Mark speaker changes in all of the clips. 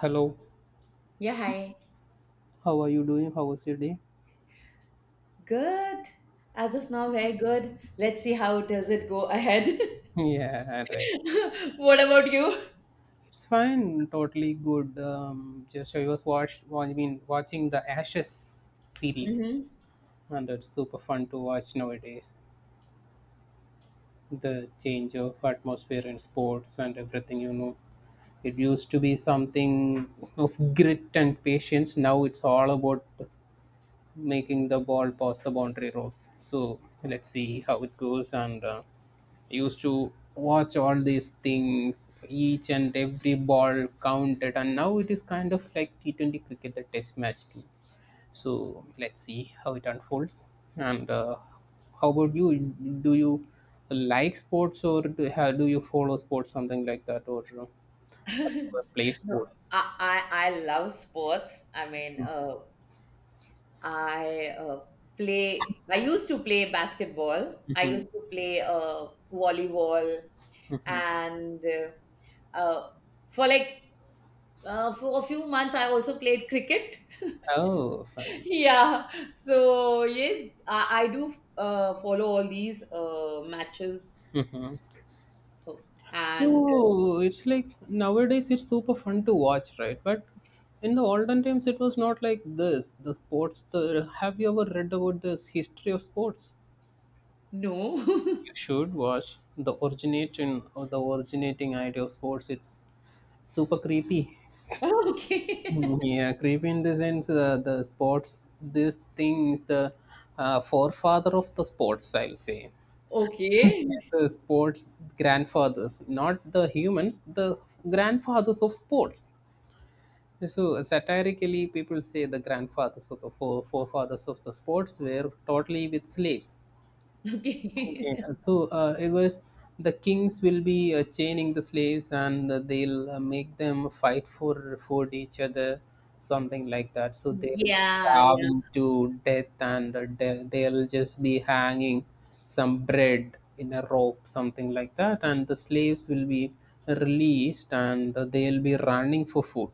Speaker 1: Hello,
Speaker 2: Yeah, hi.
Speaker 1: how are you doing? How was your day?
Speaker 2: Good. As of now, very good. Let's see how does it go ahead.
Speaker 1: Yeah, right.
Speaker 2: What about you?
Speaker 1: It's fine, totally good. Just I was watching the Ashes series,
Speaker 2: Hmm.
Speaker 1: and it's super fun to watch nowadays. The change of atmosphere in sports and everything, it used to be something of grit and patience. Now it's all about making the ball past the boundary rows. So let's see how it goes. And I used to watch all these things, each and every ball counted. And now it is kind of like T20 cricket, the test match too. So let's see how it unfolds. And how about you? Do you like sports or do you follow sports, something like that, or play
Speaker 2: No,
Speaker 1: sports?
Speaker 2: I love sports. I mean, I play. I used to play basketball. I
Speaker 1: Hmm.
Speaker 2: used to play volleyball,
Speaker 1: Hmm.
Speaker 2: and uh, for like for a few months, I also played cricket.
Speaker 1: Oh, fine.
Speaker 2: Yeah, so yes, I do follow all these matches.
Speaker 1: Mhm.
Speaker 2: Oh. And
Speaker 1: Oh, it's like nowadays it's super fun to watch, right? But in the olden times it was not like this. The sports the Have you ever read about this history of sports?
Speaker 2: no.
Speaker 1: You should watch the origination or the originating idea of sports. It's super creepy.
Speaker 2: Okay.
Speaker 1: Yeah, creepy in the sense the sports this thing is the forefather of the sports, I'll say. Yeah,
Speaker 2: Okay,
Speaker 1: the sports grandfathers, not the humans, the grandfathers of sports. So satirically, people say the grandfathers or the forefathers of the sports were totally with slaves. Okay.
Speaker 2: okay.
Speaker 1: So it was the kings will be chaining the slaves and they'll make them fight for each other, something like that. So they'll be
Speaker 2: Yeah, yeah.
Speaker 1: starving to death and they'll just be hanging some bread in a rope, something like that. And the slaves will be released and they'll be running for food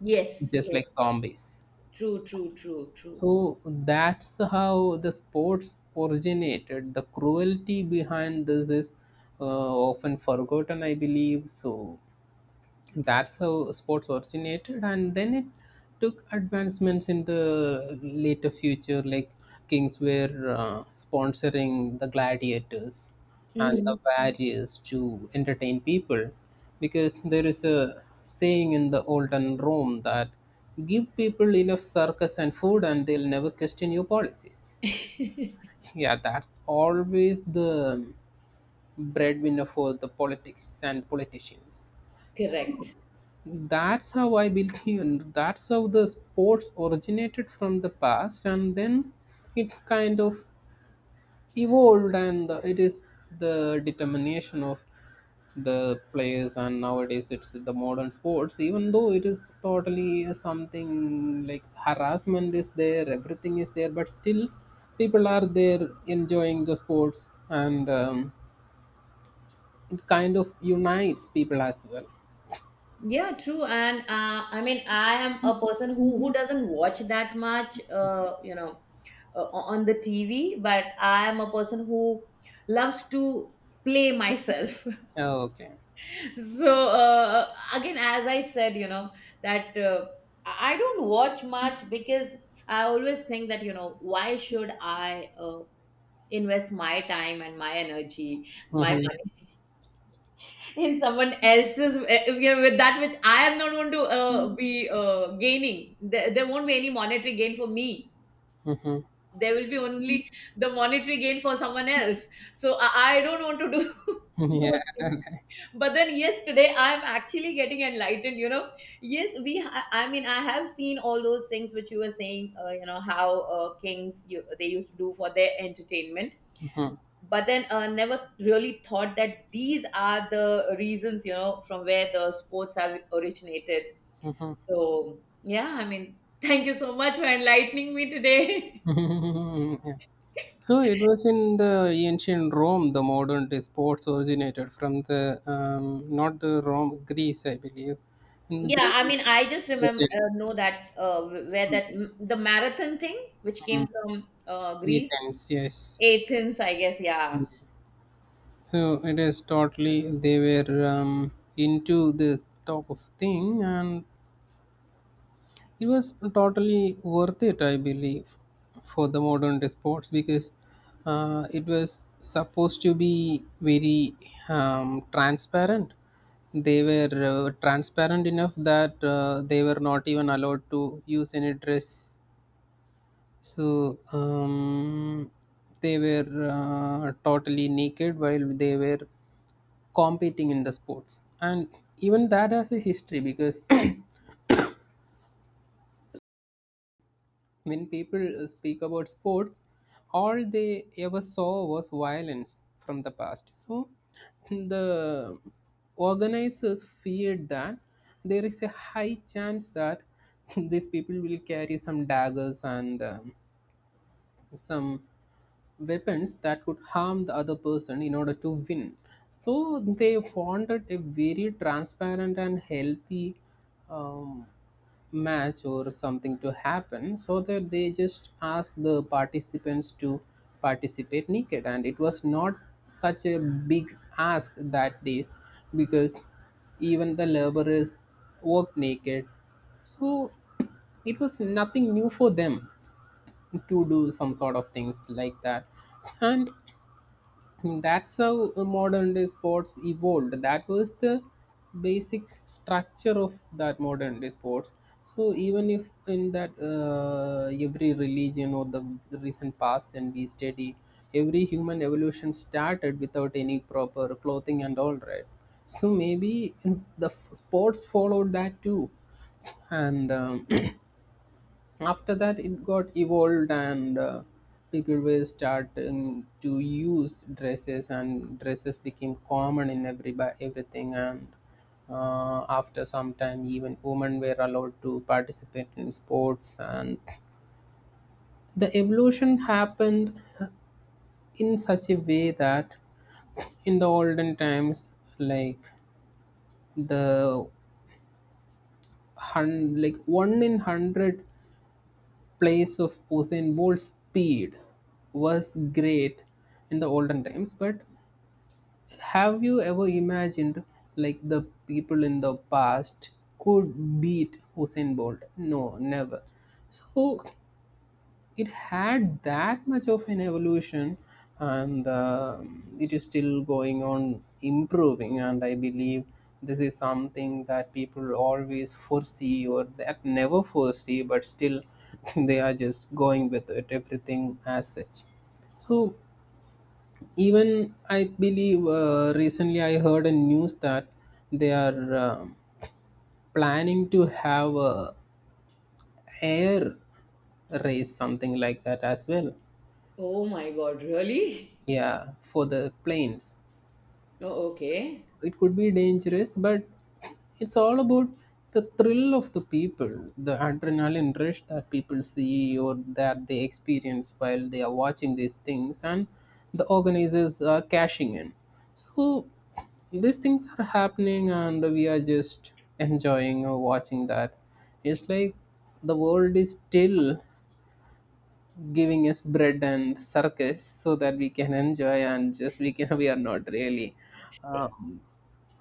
Speaker 2: Yes,
Speaker 1: just
Speaker 2: yes.
Speaker 1: like zombies.
Speaker 2: True, true, true, true.
Speaker 1: So that's how the sports originated. The cruelty behind this is uh, often forgotten, I believe. So that's how sports originated and then it took advancements in the later future like kings were sponsoring the gladiators and the
Speaker 2: Mhm.
Speaker 1: warriors to entertain people because there is a saying in the olden Rome that give people enough circus and food and they'll never question your policies. Yeah, that's always the breadwinner for the politics and politicians. So
Speaker 2: Correct.
Speaker 1: that's how I believe. That's how the sports originated from the past, and then it kind of evolved, and it is the determination of the players. And nowadays, it's the modern sports. Even though it is totally something like harassment is there, everything is there, but still, people are there enjoying the sports, and it kind of unites people as well.
Speaker 2: Yeah, true. And I mean, I am a person who doesn't watch that much on the TV, but I am a person who loves to play myself.
Speaker 1: Okay.
Speaker 2: So, again, as I said, you know that I don't watch much because I always think that why should I invest my time and my energy, my
Speaker 1: Mm-hmm.
Speaker 2: money in someone else's, with that which I am not going to be gaining. There won't be any monetary gain for me.
Speaker 1: Mm-hmm.
Speaker 2: There will be only the monetary gain for someone else. So, I don't want to do
Speaker 1: Yeah.
Speaker 2: those things. But then, yes, today I'm actually getting enlightened. Yes, I mean, I have seen all those things which you were saying, you know how kings, they used to do for their entertainment. But then, never really thought that these are the reasons from where the sports have originated.
Speaker 1: Yeah.
Speaker 2: So yeah, I mean, thank you so much for enlightening me today.
Speaker 1: So it was in the ancient Rome, the modern day sports originated from the not the Rome, Greece, I believe. In the
Speaker 2: Yeah,
Speaker 1: Greek,
Speaker 2: I mean, I just remember
Speaker 1: Athens.
Speaker 2: know that, where that the marathon thing which came
Speaker 1: Mm,
Speaker 2: from Greece,
Speaker 1: Athens, yes.
Speaker 2: Athens, I guess. Yeah.
Speaker 1: So it is totally they were into this type of thing, and it was totally worth it, I believe, for the modern day sports because it was supposed to be very transparent. They were transparent enough that they were not even allowed to use any dress. So they were totally naked while they were competing in the sports and even that has a history because when people speak about sports, all they ever saw was violence from the past. So the organizers feared that there is a high chance that these people will carry some daggers and some weapons that could harm the other person in order to win. So they wanted a very transparent and healthy um, match or something to happen so that they just asked the participants to participate naked and it was not such a big ask that days because even the laborers worked naked, so it was nothing new for them to do some sort of things like that, and that's how modern day sports evolved. That was the basic structure of that modern day sports. So even if in that every religion or the recent past and we study, every human evolution started without any proper clothing and all right. So maybe in the sports followed that too. And after that it got evolved and people were starting to use dresses and dresses became common in every by everything, and after some time even women were allowed to participate in sports and the evolution happened in such a way that in the olden times, like, the like one in hundred place of Usain Bolt's speed was great in the olden times, but have you ever imagined like the people in the past could beat Usain Bolt? No, never. So it had that much of an evolution, and um, it is still going on improving and I believe this is something that people always foresee or that never foresee but still they are just going with it everything as such. So even I believe recently I heard a news that they are um, planning to have a air race something like that as well.
Speaker 2: Oh my God, really?
Speaker 1: Yeah, for the planes.
Speaker 2: Oh, okay.
Speaker 1: It could be dangerous, but it's all about the thrill of the people, the adrenaline rush that people see or that they experience while they are watching these things, and the organizers are cashing in. So, these things are happening, and we are just enjoying or watching that. It's like the world is still giving us bread and circus so that we can enjoy and just we can we are not really um,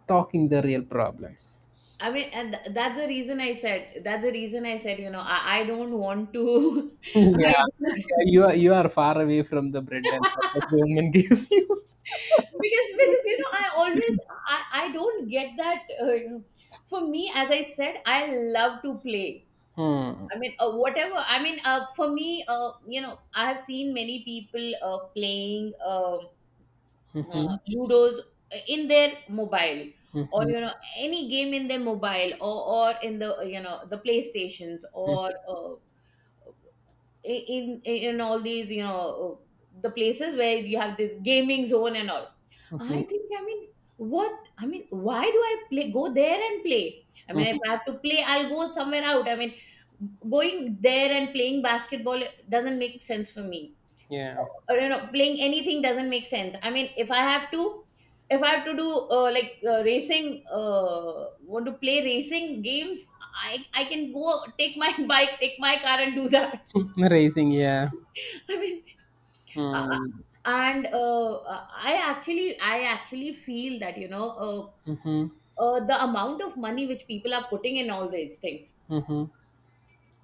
Speaker 1: talking the real problems.
Speaker 2: I mean, and that's the reason I said. That's the reason I said. You know, I don't want to. I
Speaker 1: Yeah, yeah,
Speaker 2: don't.
Speaker 1: you are far away from the bread and circus government gives you.
Speaker 2: Because, you know, I always... I don't get that. You know, for me, as I said, I love to play.
Speaker 1: Hmm.
Speaker 2: I mean, whatever. I mean, for me, I have seen many people playing
Speaker 1: Hmm.
Speaker 2: Ludo's in their mobile, or
Speaker 1: Hmm.
Speaker 2: any game in their mobile, or in the you know the PlayStations, or in all these the places where you have this gaming zone and all. I
Speaker 1: Hmm.
Speaker 2: think, I mean, I mean, why do I play, go there and play? I mean, if
Speaker 1: Hmm.
Speaker 2: I have to play, I'll go somewhere out. I mean, going there and playing basketball doesn't make sense for me.
Speaker 1: Yeah.
Speaker 2: Or, playing anything doesn't make sense. I mean, if I have to do like racing, want to play racing games. I can go take my bike, take my car and do that.
Speaker 1: Raising, yeah.
Speaker 2: I mean, uh, uh,
Speaker 1: Hmm.
Speaker 2: and I actually feel that,
Speaker 1: Hmm.
Speaker 2: the amount of money which people are putting in all these things,
Speaker 1: Hmm.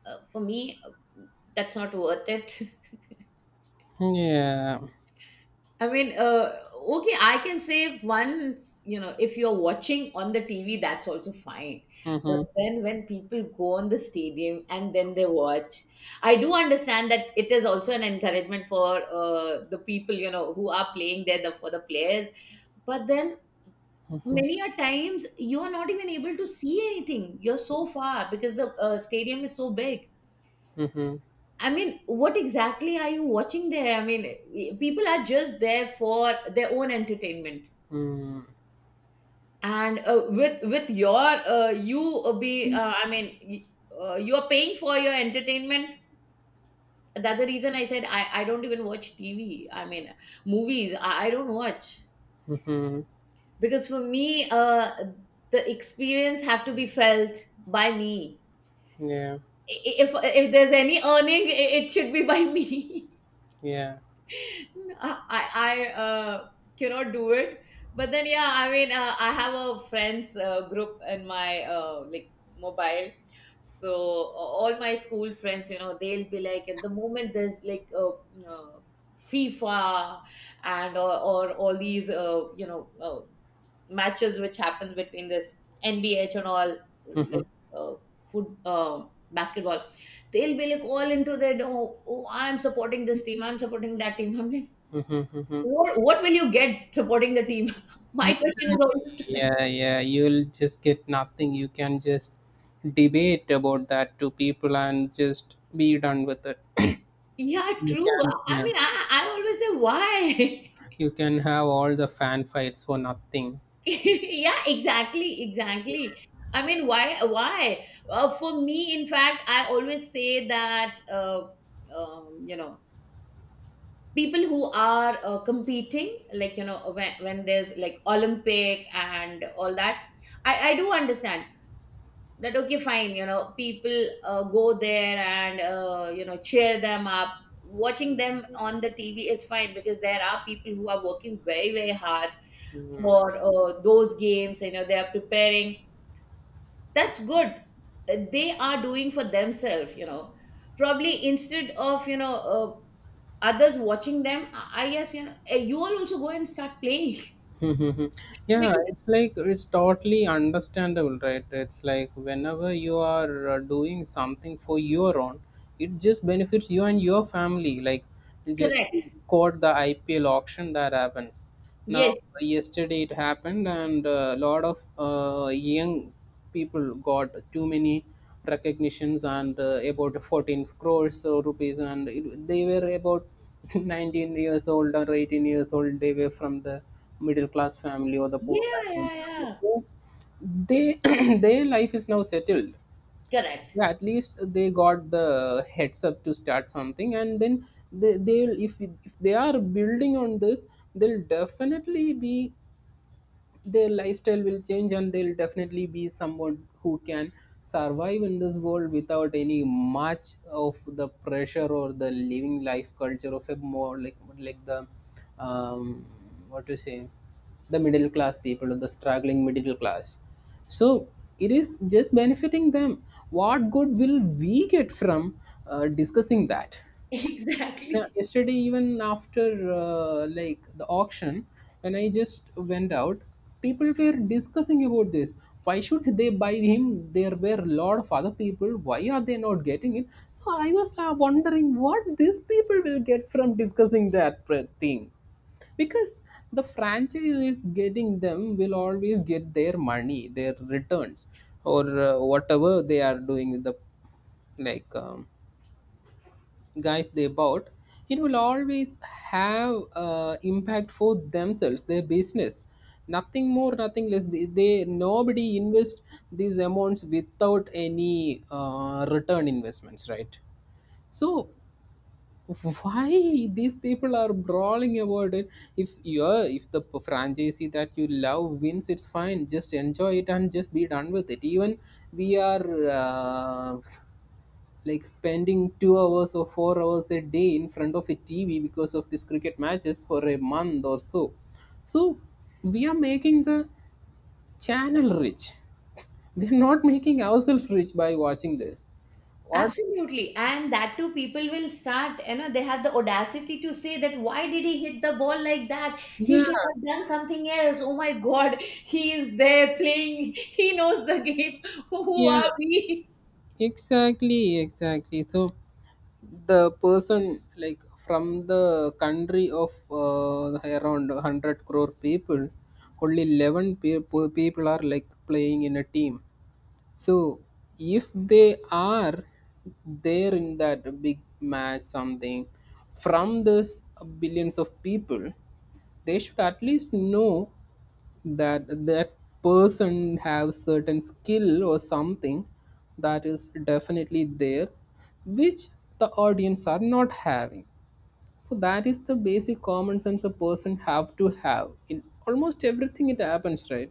Speaker 2: for me, that's not worth it.
Speaker 1: Yeah.
Speaker 2: I mean, okay, I can say once, if you're watching on the TV, that's also fine.
Speaker 1: Hmm.
Speaker 2: But
Speaker 1: Hmm.
Speaker 2: then when people go on the stadium and then they watch, I do understand that it is also an encouragement for the people, who are playing there, for the players. But then many a times you're not even able to see anything, you're so far because the stadium is so big.
Speaker 1: Hmm.
Speaker 2: I mean, what exactly are you watching there? I mean, people are just there for their own entertainment,
Speaker 1: Hmm.
Speaker 2: and with your you be I mean, you're paying for your entertainment. That's the reason I said I don't even watch TV. I mean, movies I don't watch
Speaker 1: Hmm.
Speaker 2: because for me, the experience have to be felt by me.
Speaker 1: Yeah,
Speaker 2: If there's any earning, it should be by me.
Speaker 1: yeah.
Speaker 2: I cannot do it. But then yeah, I mean, I have a friends group in my, like, mobile. So, all my school friends, they'll be like, at the moment, there's like uh, FIFA, or all these matches which happen between this NBH and all,
Speaker 1: Hmm.
Speaker 2: like, uh, food, basketball. They'll be like all into that. Oh, oh, I'm supporting this team. I'm supporting that team. I'm like,
Speaker 1: Hmm. Hmm.
Speaker 2: what will you get supporting the team? My question is
Speaker 1: Exactly.
Speaker 2: always to them.
Speaker 1: Yeah, yeah. You'll just get nothing. You can just debate about that to people and just be done with it.
Speaker 2: Yeah,
Speaker 1: You
Speaker 2: true.
Speaker 1: can, yeah.
Speaker 2: I mean, I always say why.
Speaker 1: You can have all the fan fights for nothing.
Speaker 2: Yeah, exactly, exactly. I mean, why? Why? For me, in fact, I always say that, um, you know people who are competing, like, when, there's like Olympic and all that, I do understand that, okay, fine, people go there and cheer them up. Watching them on the TV is fine because there are people who are working very very hard
Speaker 1: Hmm.
Speaker 2: for those games, they are preparing. That's good. They are doing for themselves, probably instead of others watching them. I guess, you all also go and start playing.
Speaker 1: Mhm. Yeah,
Speaker 2: Because...
Speaker 1: it's like it's totally understandable, right? It's like whenever you are doing something for your own, it just benefits you and your family, like, just
Speaker 2: Correct.
Speaker 1: quote the IPL auction that happens now.
Speaker 2: Yes.
Speaker 1: Yesterday it happened and a lot of young people got too many recognitions and about 14 crores rupees and they were about 19 years old or 18 years old. They were from the middle class family or the poor
Speaker 2: Yeah,
Speaker 1: background
Speaker 2: yeah,
Speaker 1: family.
Speaker 2: yeah.
Speaker 1: So they their life is now settled.
Speaker 2: Correct.
Speaker 1: Yeah, at least they got the heads up to start something, and then they they'll if they are building on this, they'll definitely be their lifestyle will change and they'll definitely be someone who can survive in this world without any much of the pressure or the living life culture of a more like the um, what to say, the middle class people or the struggling middle class. So it is just benefiting them. What good will we get from discussing that? Yeah,
Speaker 2: Exactly.
Speaker 1: yesterday, even after like the auction, when I just went out, people were discussing about this. Why should they buy him? There were a lot of other people. Why are they not getting it? So I was wondering what these people will get from discussing that thing, because the franchise is getting them will always get their money, their returns, or whatever they are doing with the like. Guys they bought, it will always have impact for themselves their business. Nothing more nothing less. They nobody invest these amounts without any return investments, right? So why these people are brawling about it? If you're if the franchisee that you love wins, it's fine, just enjoy it and just be done with it. Even we are uh, like spending 2 hours or 4 hours a day in front of a TV because of these cricket matches for a month or so. So we are making the channel rich. We are not making ourselves rich by watching this. What?
Speaker 2: Absolutely. And that too, people will start, they have the audacity to say that, why did he hit the ball like that?
Speaker 1: Yeah,
Speaker 2: He should have done something else. Oh my God, he is there playing. He knows the game. Who
Speaker 1: yeah,
Speaker 2: are we?
Speaker 1: exactly, exactly. So the person like from the country of around 100 crore people, only 11 people are like playing in a team. So if they are there in that big match something from this billions of people, they should at least know that person have certain skill or something that is definitely there which the audience are not having. So that is the basic common sense a person have to have in almost everything it happens, right?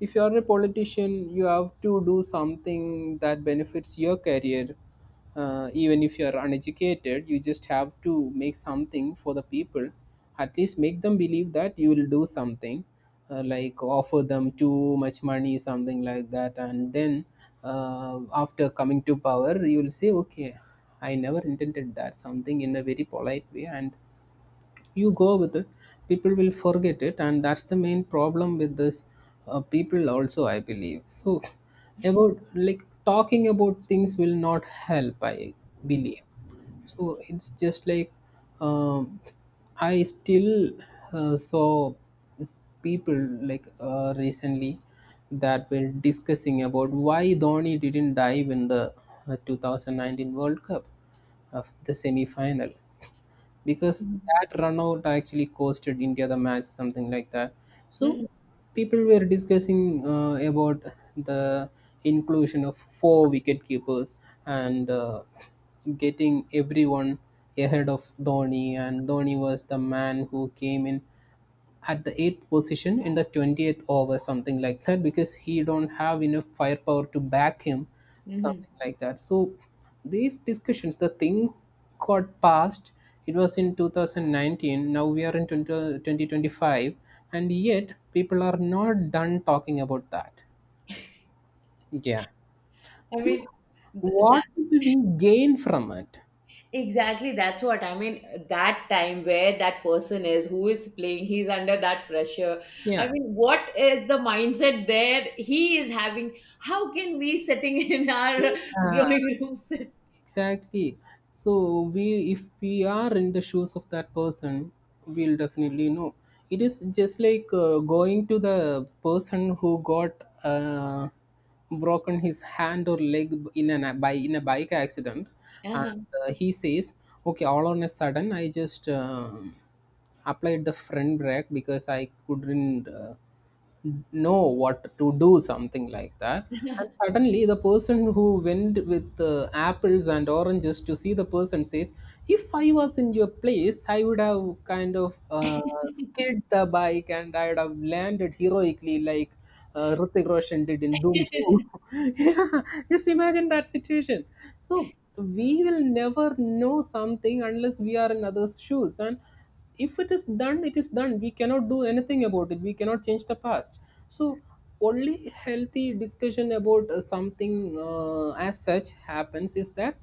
Speaker 1: If you are a politician, you have to do something that benefits your career. Even if you are uneducated, you just have to make something for the people. At least make them believe that you will do something, like offer them too much money something like that. And then after coming to power you will say, okay, I never intended that, something in a very polite way, and you go with it. People will forget it, and that's the main problem with this. Uh, people also, I believe so. About like talking about things will not help, I believe. So it's just like um, I still saw s- people like, recently, that were discussing about why Dhoni didn't dive in the 2019 World Cup of the semi final, because that run out actually costed India the match, something like that. So
Speaker 2: Mhm,
Speaker 1: people were discussing about the inclusion of four wicket keepers and getting everyone ahead of Dhoni, and Dhoni was the man who came in at the eighth position in the 20th over, something like that, because he don't have enough firepower to back him,
Speaker 2: mhm.
Speaker 1: something like that. So these discussions, the thing got passed. It was in 2019, now we are in 2025, and yet people are not done talking about that, yeah.
Speaker 2: I
Speaker 1: So
Speaker 2: mean, th-
Speaker 1: what
Speaker 2: that
Speaker 1: do we gain from it?
Speaker 2: exactly, that's what I mean. That time where that person is who is playing, he's under that pressure. I
Speaker 1: Yeah.
Speaker 2: mean, what is the mindset there he is having? How can we sitting in our
Speaker 1: Yeah.
Speaker 2: drawing room sit?
Speaker 1: Exactly. So we if we are in the shoes of that person, we'll definitely know. It is just like going to the person who got uh, broken his hand or leg in an by in a bike accident,
Speaker 2: Uh-huh.
Speaker 1: and he says, "Okay, all on a sudden, I just." Applied the front brake because I couldn't know what to do, something like that. And suddenly, the person who went with apples and oranges to see the person says, if I was in your place, I would have kind of skid the bike and I would have landed heroically like Hrithik Roshan did in Doom 2. Yeah, just imagine that situation. So, we will never know something unless we are in others' shoes. And if it is done, it is done. We cannot do anything about it, we cannot change the past. So only healthy discussion about something as such happens is that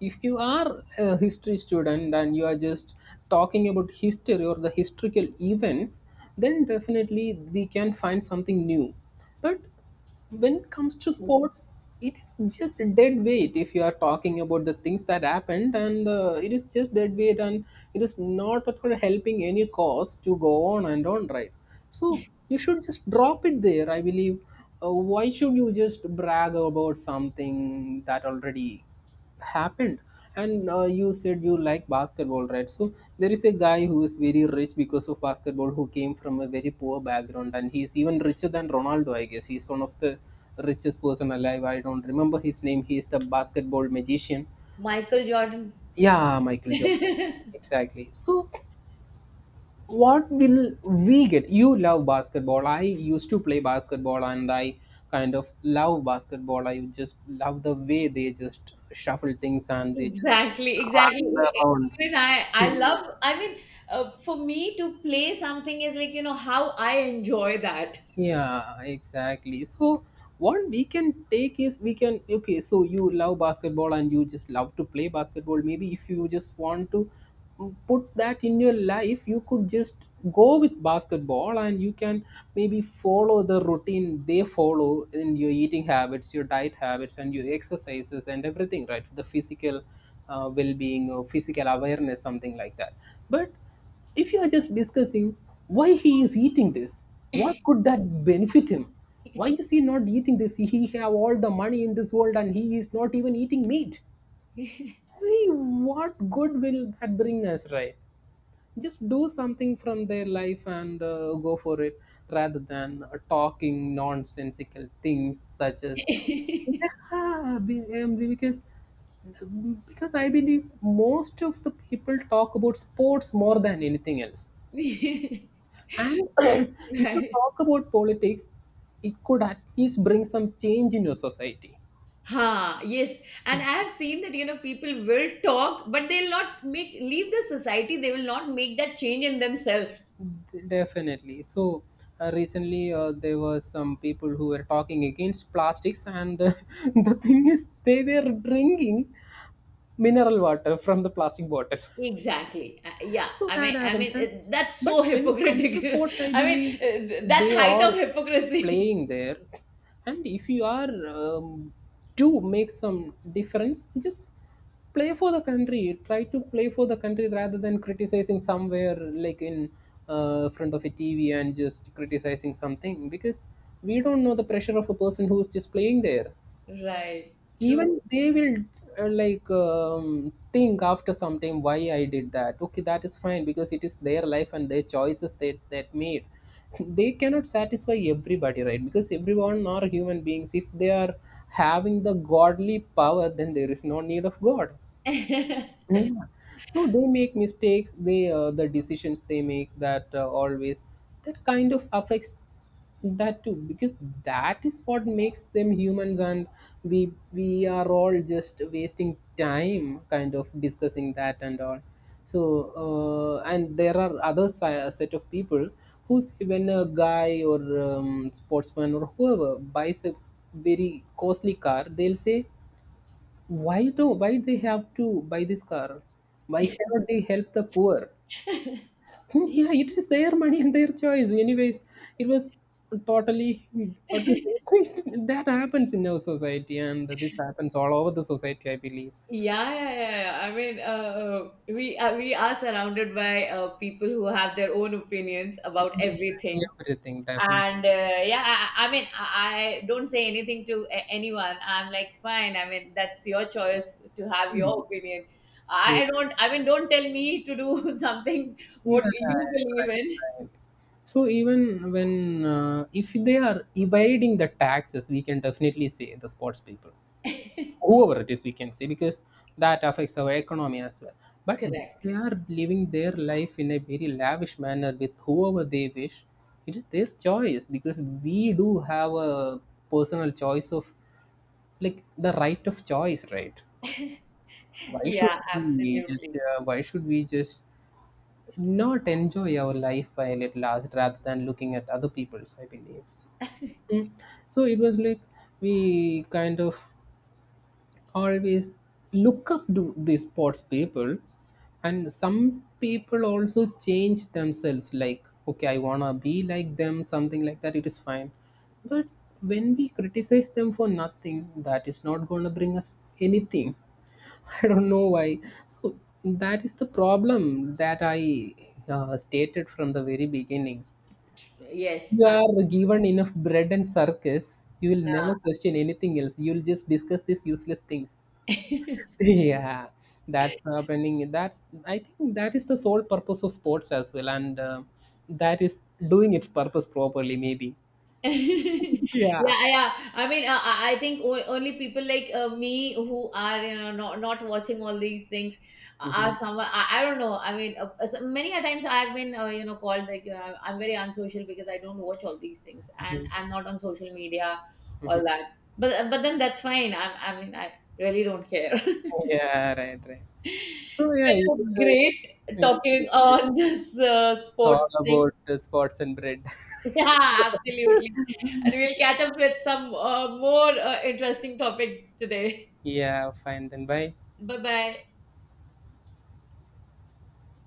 Speaker 1: if you are a history student and you are just talking about history or the historical events, then definitely we can find something new. But when it comes to sports, it is just dead weight. If you are talking about the things that happened, and it is just dead weight, and it is not at all helping any cause to go on and on, right? So you should just drop it there, I believe. Uh, why should you just brag about something that already happened? And you said you like basketball, right? So there is a guy who is very rich because of basketball, who came from a very poor background, and he's even richer than Ronaldo, I guess. He's one of the richest person alive. I don't remember his name. He's the basketball magician.
Speaker 2: Michael Jordan.
Speaker 1: Yeah, Michael Jordan. Exactly. So what will we get? You love basketball, I used to play basketball, and I kind of love basketball. I just love the way they just shuffle things and they just
Speaker 2: Exactly, exactly.
Speaker 1: run around.
Speaker 2: Even I love, I mean, for me to play something is like, how I enjoy that.
Speaker 1: Yeah, exactly. So what we can take is we can, okay, so you love basketball and you just love to play basketball. Maybe if you just want to put that in your life, you could just go with basketball, and you can maybe follow the routine they follow in your eating habits, your diet habits and your exercises and everything, right? The physical well-being or physical awareness, something like that. But if you are just discussing why he is eating this, what could that benefit him? Why is he not eating this? He have all the money in this world and he is not even eating meat. See, what good will that bring us, right? Just do something from their life and go for it, rather than talking nonsensical things such as, yeah, because I believe most of the people talk about sports more than anything else. And if you
Speaker 2: Right.
Speaker 1: talk about politics, it could at least bring some change in your society.
Speaker 2: Ha, yes. And I have seen that, people will talk, but they'll not make, leave the society, they will not make that change in themselves.
Speaker 1: Definitely. So, recently there were some people who were talking against plastics, and the thing is, they were drinking mineral water from the plastic bottle.
Speaker 2: Exactly. Yeah.
Speaker 1: So
Speaker 2: I
Speaker 1: that
Speaker 2: mean, I
Speaker 1: happens.
Speaker 2: mean,
Speaker 1: And
Speaker 2: it, that's
Speaker 1: but
Speaker 2: so
Speaker 1: when it comes to
Speaker 2: hypocritical.
Speaker 1: sports, I
Speaker 2: I mean,
Speaker 1: believe
Speaker 2: that's
Speaker 1: they
Speaker 2: height
Speaker 1: are
Speaker 2: of hypocrisy.
Speaker 1: playing there. And if you are to make some difference, just play for the country, try to play for the country, rather than criticizing somewhere, like in front of a TV and just criticizing something, because we don't know the pressure of a person who is just playing there.
Speaker 2: Right. True.
Speaker 1: Even they will like, think after some time, why I did that, okay, that is fine, because it is their life and their choices that made. They cannot satisfy everybody, right? Because everyone are human beings. If they are having the godly power, then there is no need of god.
Speaker 2: Yeah,
Speaker 1: Yeah. So they make mistakes, they the decisions they make, that always that kind of affects that too, because that is what makes them humans. And we are all just wasting time kind of discussing that and all. So and there are other set of people who's, when a guy or sportsman or whoever buys a very costly car, they'll say, why do, why they have to buy this car? Why cannot they help the poor? Hmm, yeah, it is their money and their choice. Anyways, it was totally, what to say. That happens in our society, and this happens all over the society, I believe.
Speaker 2: yeah, yeah, yeah. I mean, we are surrounded by people who have their own opinions about everything,
Speaker 1: Everything, definitely.
Speaker 2: and yeah, I mean, I don't say anything to anyone. I'm like, fine. I mean, that's your choice to have your
Speaker 1: Mm.
Speaker 2: opinion. I don't. I mean, don't tell me to do something what
Speaker 1: Yeah,
Speaker 2: you believe
Speaker 1: right,
Speaker 2: in.
Speaker 1: right. So even when if they are evading the taxes, we can definitely say the sports people, whoever it is, we can say, because that affects our economy as well. But
Speaker 2: Correct.
Speaker 1: they are living their life in a very lavish manner with whoever they wish. It is their choice, because we do have a personal choice of, like, the right of choice, right? Why should
Speaker 2: Yeah,
Speaker 1: we just
Speaker 2: absolutely.
Speaker 1: why should we just not enjoy our life while it lasts, rather than looking at other people's, I believe. Mm. So it was like we kind of always look up to the sports people, and some people also change themselves, like, okay, I wanna be like them, something like that, it is fine. But when we criticize them for nothing, that is not gonna bring us anything. I don't know why. So that is the problem that I stated from the very beginning.
Speaker 2: Yes.
Speaker 1: You are given enough bread and circus, you will never question anything else, you'll just discuss these useless things.
Speaker 2: I-
Speaker 1: Yeah, that's happening. That's, I think that is the sole purpose of sports as well, and that is doing its purpose properly, maybe.
Speaker 2: yeah,
Speaker 1: Yeah.
Speaker 2: yeah. I mean, I think only people like, me, who are, not, not watching all these things, are
Speaker 1: Mhm,
Speaker 2: someone, I don't know. I mean, so many a times I've been, called, like, I'm very unsocial because I don't watch all these things and
Speaker 1: mhm,
Speaker 2: I'm not on social media, all
Speaker 1: mhm.
Speaker 2: that. But but then, that's fine. I mean, I really don't care.
Speaker 1: Yeah, right, right. So yeah,
Speaker 2: So, it was great talking
Speaker 1: it's
Speaker 2: on this
Speaker 1: all
Speaker 2: sports thing.
Speaker 1: about sports and bread.
Speaker 2: Yeah, absolutely. And we'll catch up with some more interesting topic today.
Speaker 1: Yeah, fine then, bye.
Speaker 2: Bye bye.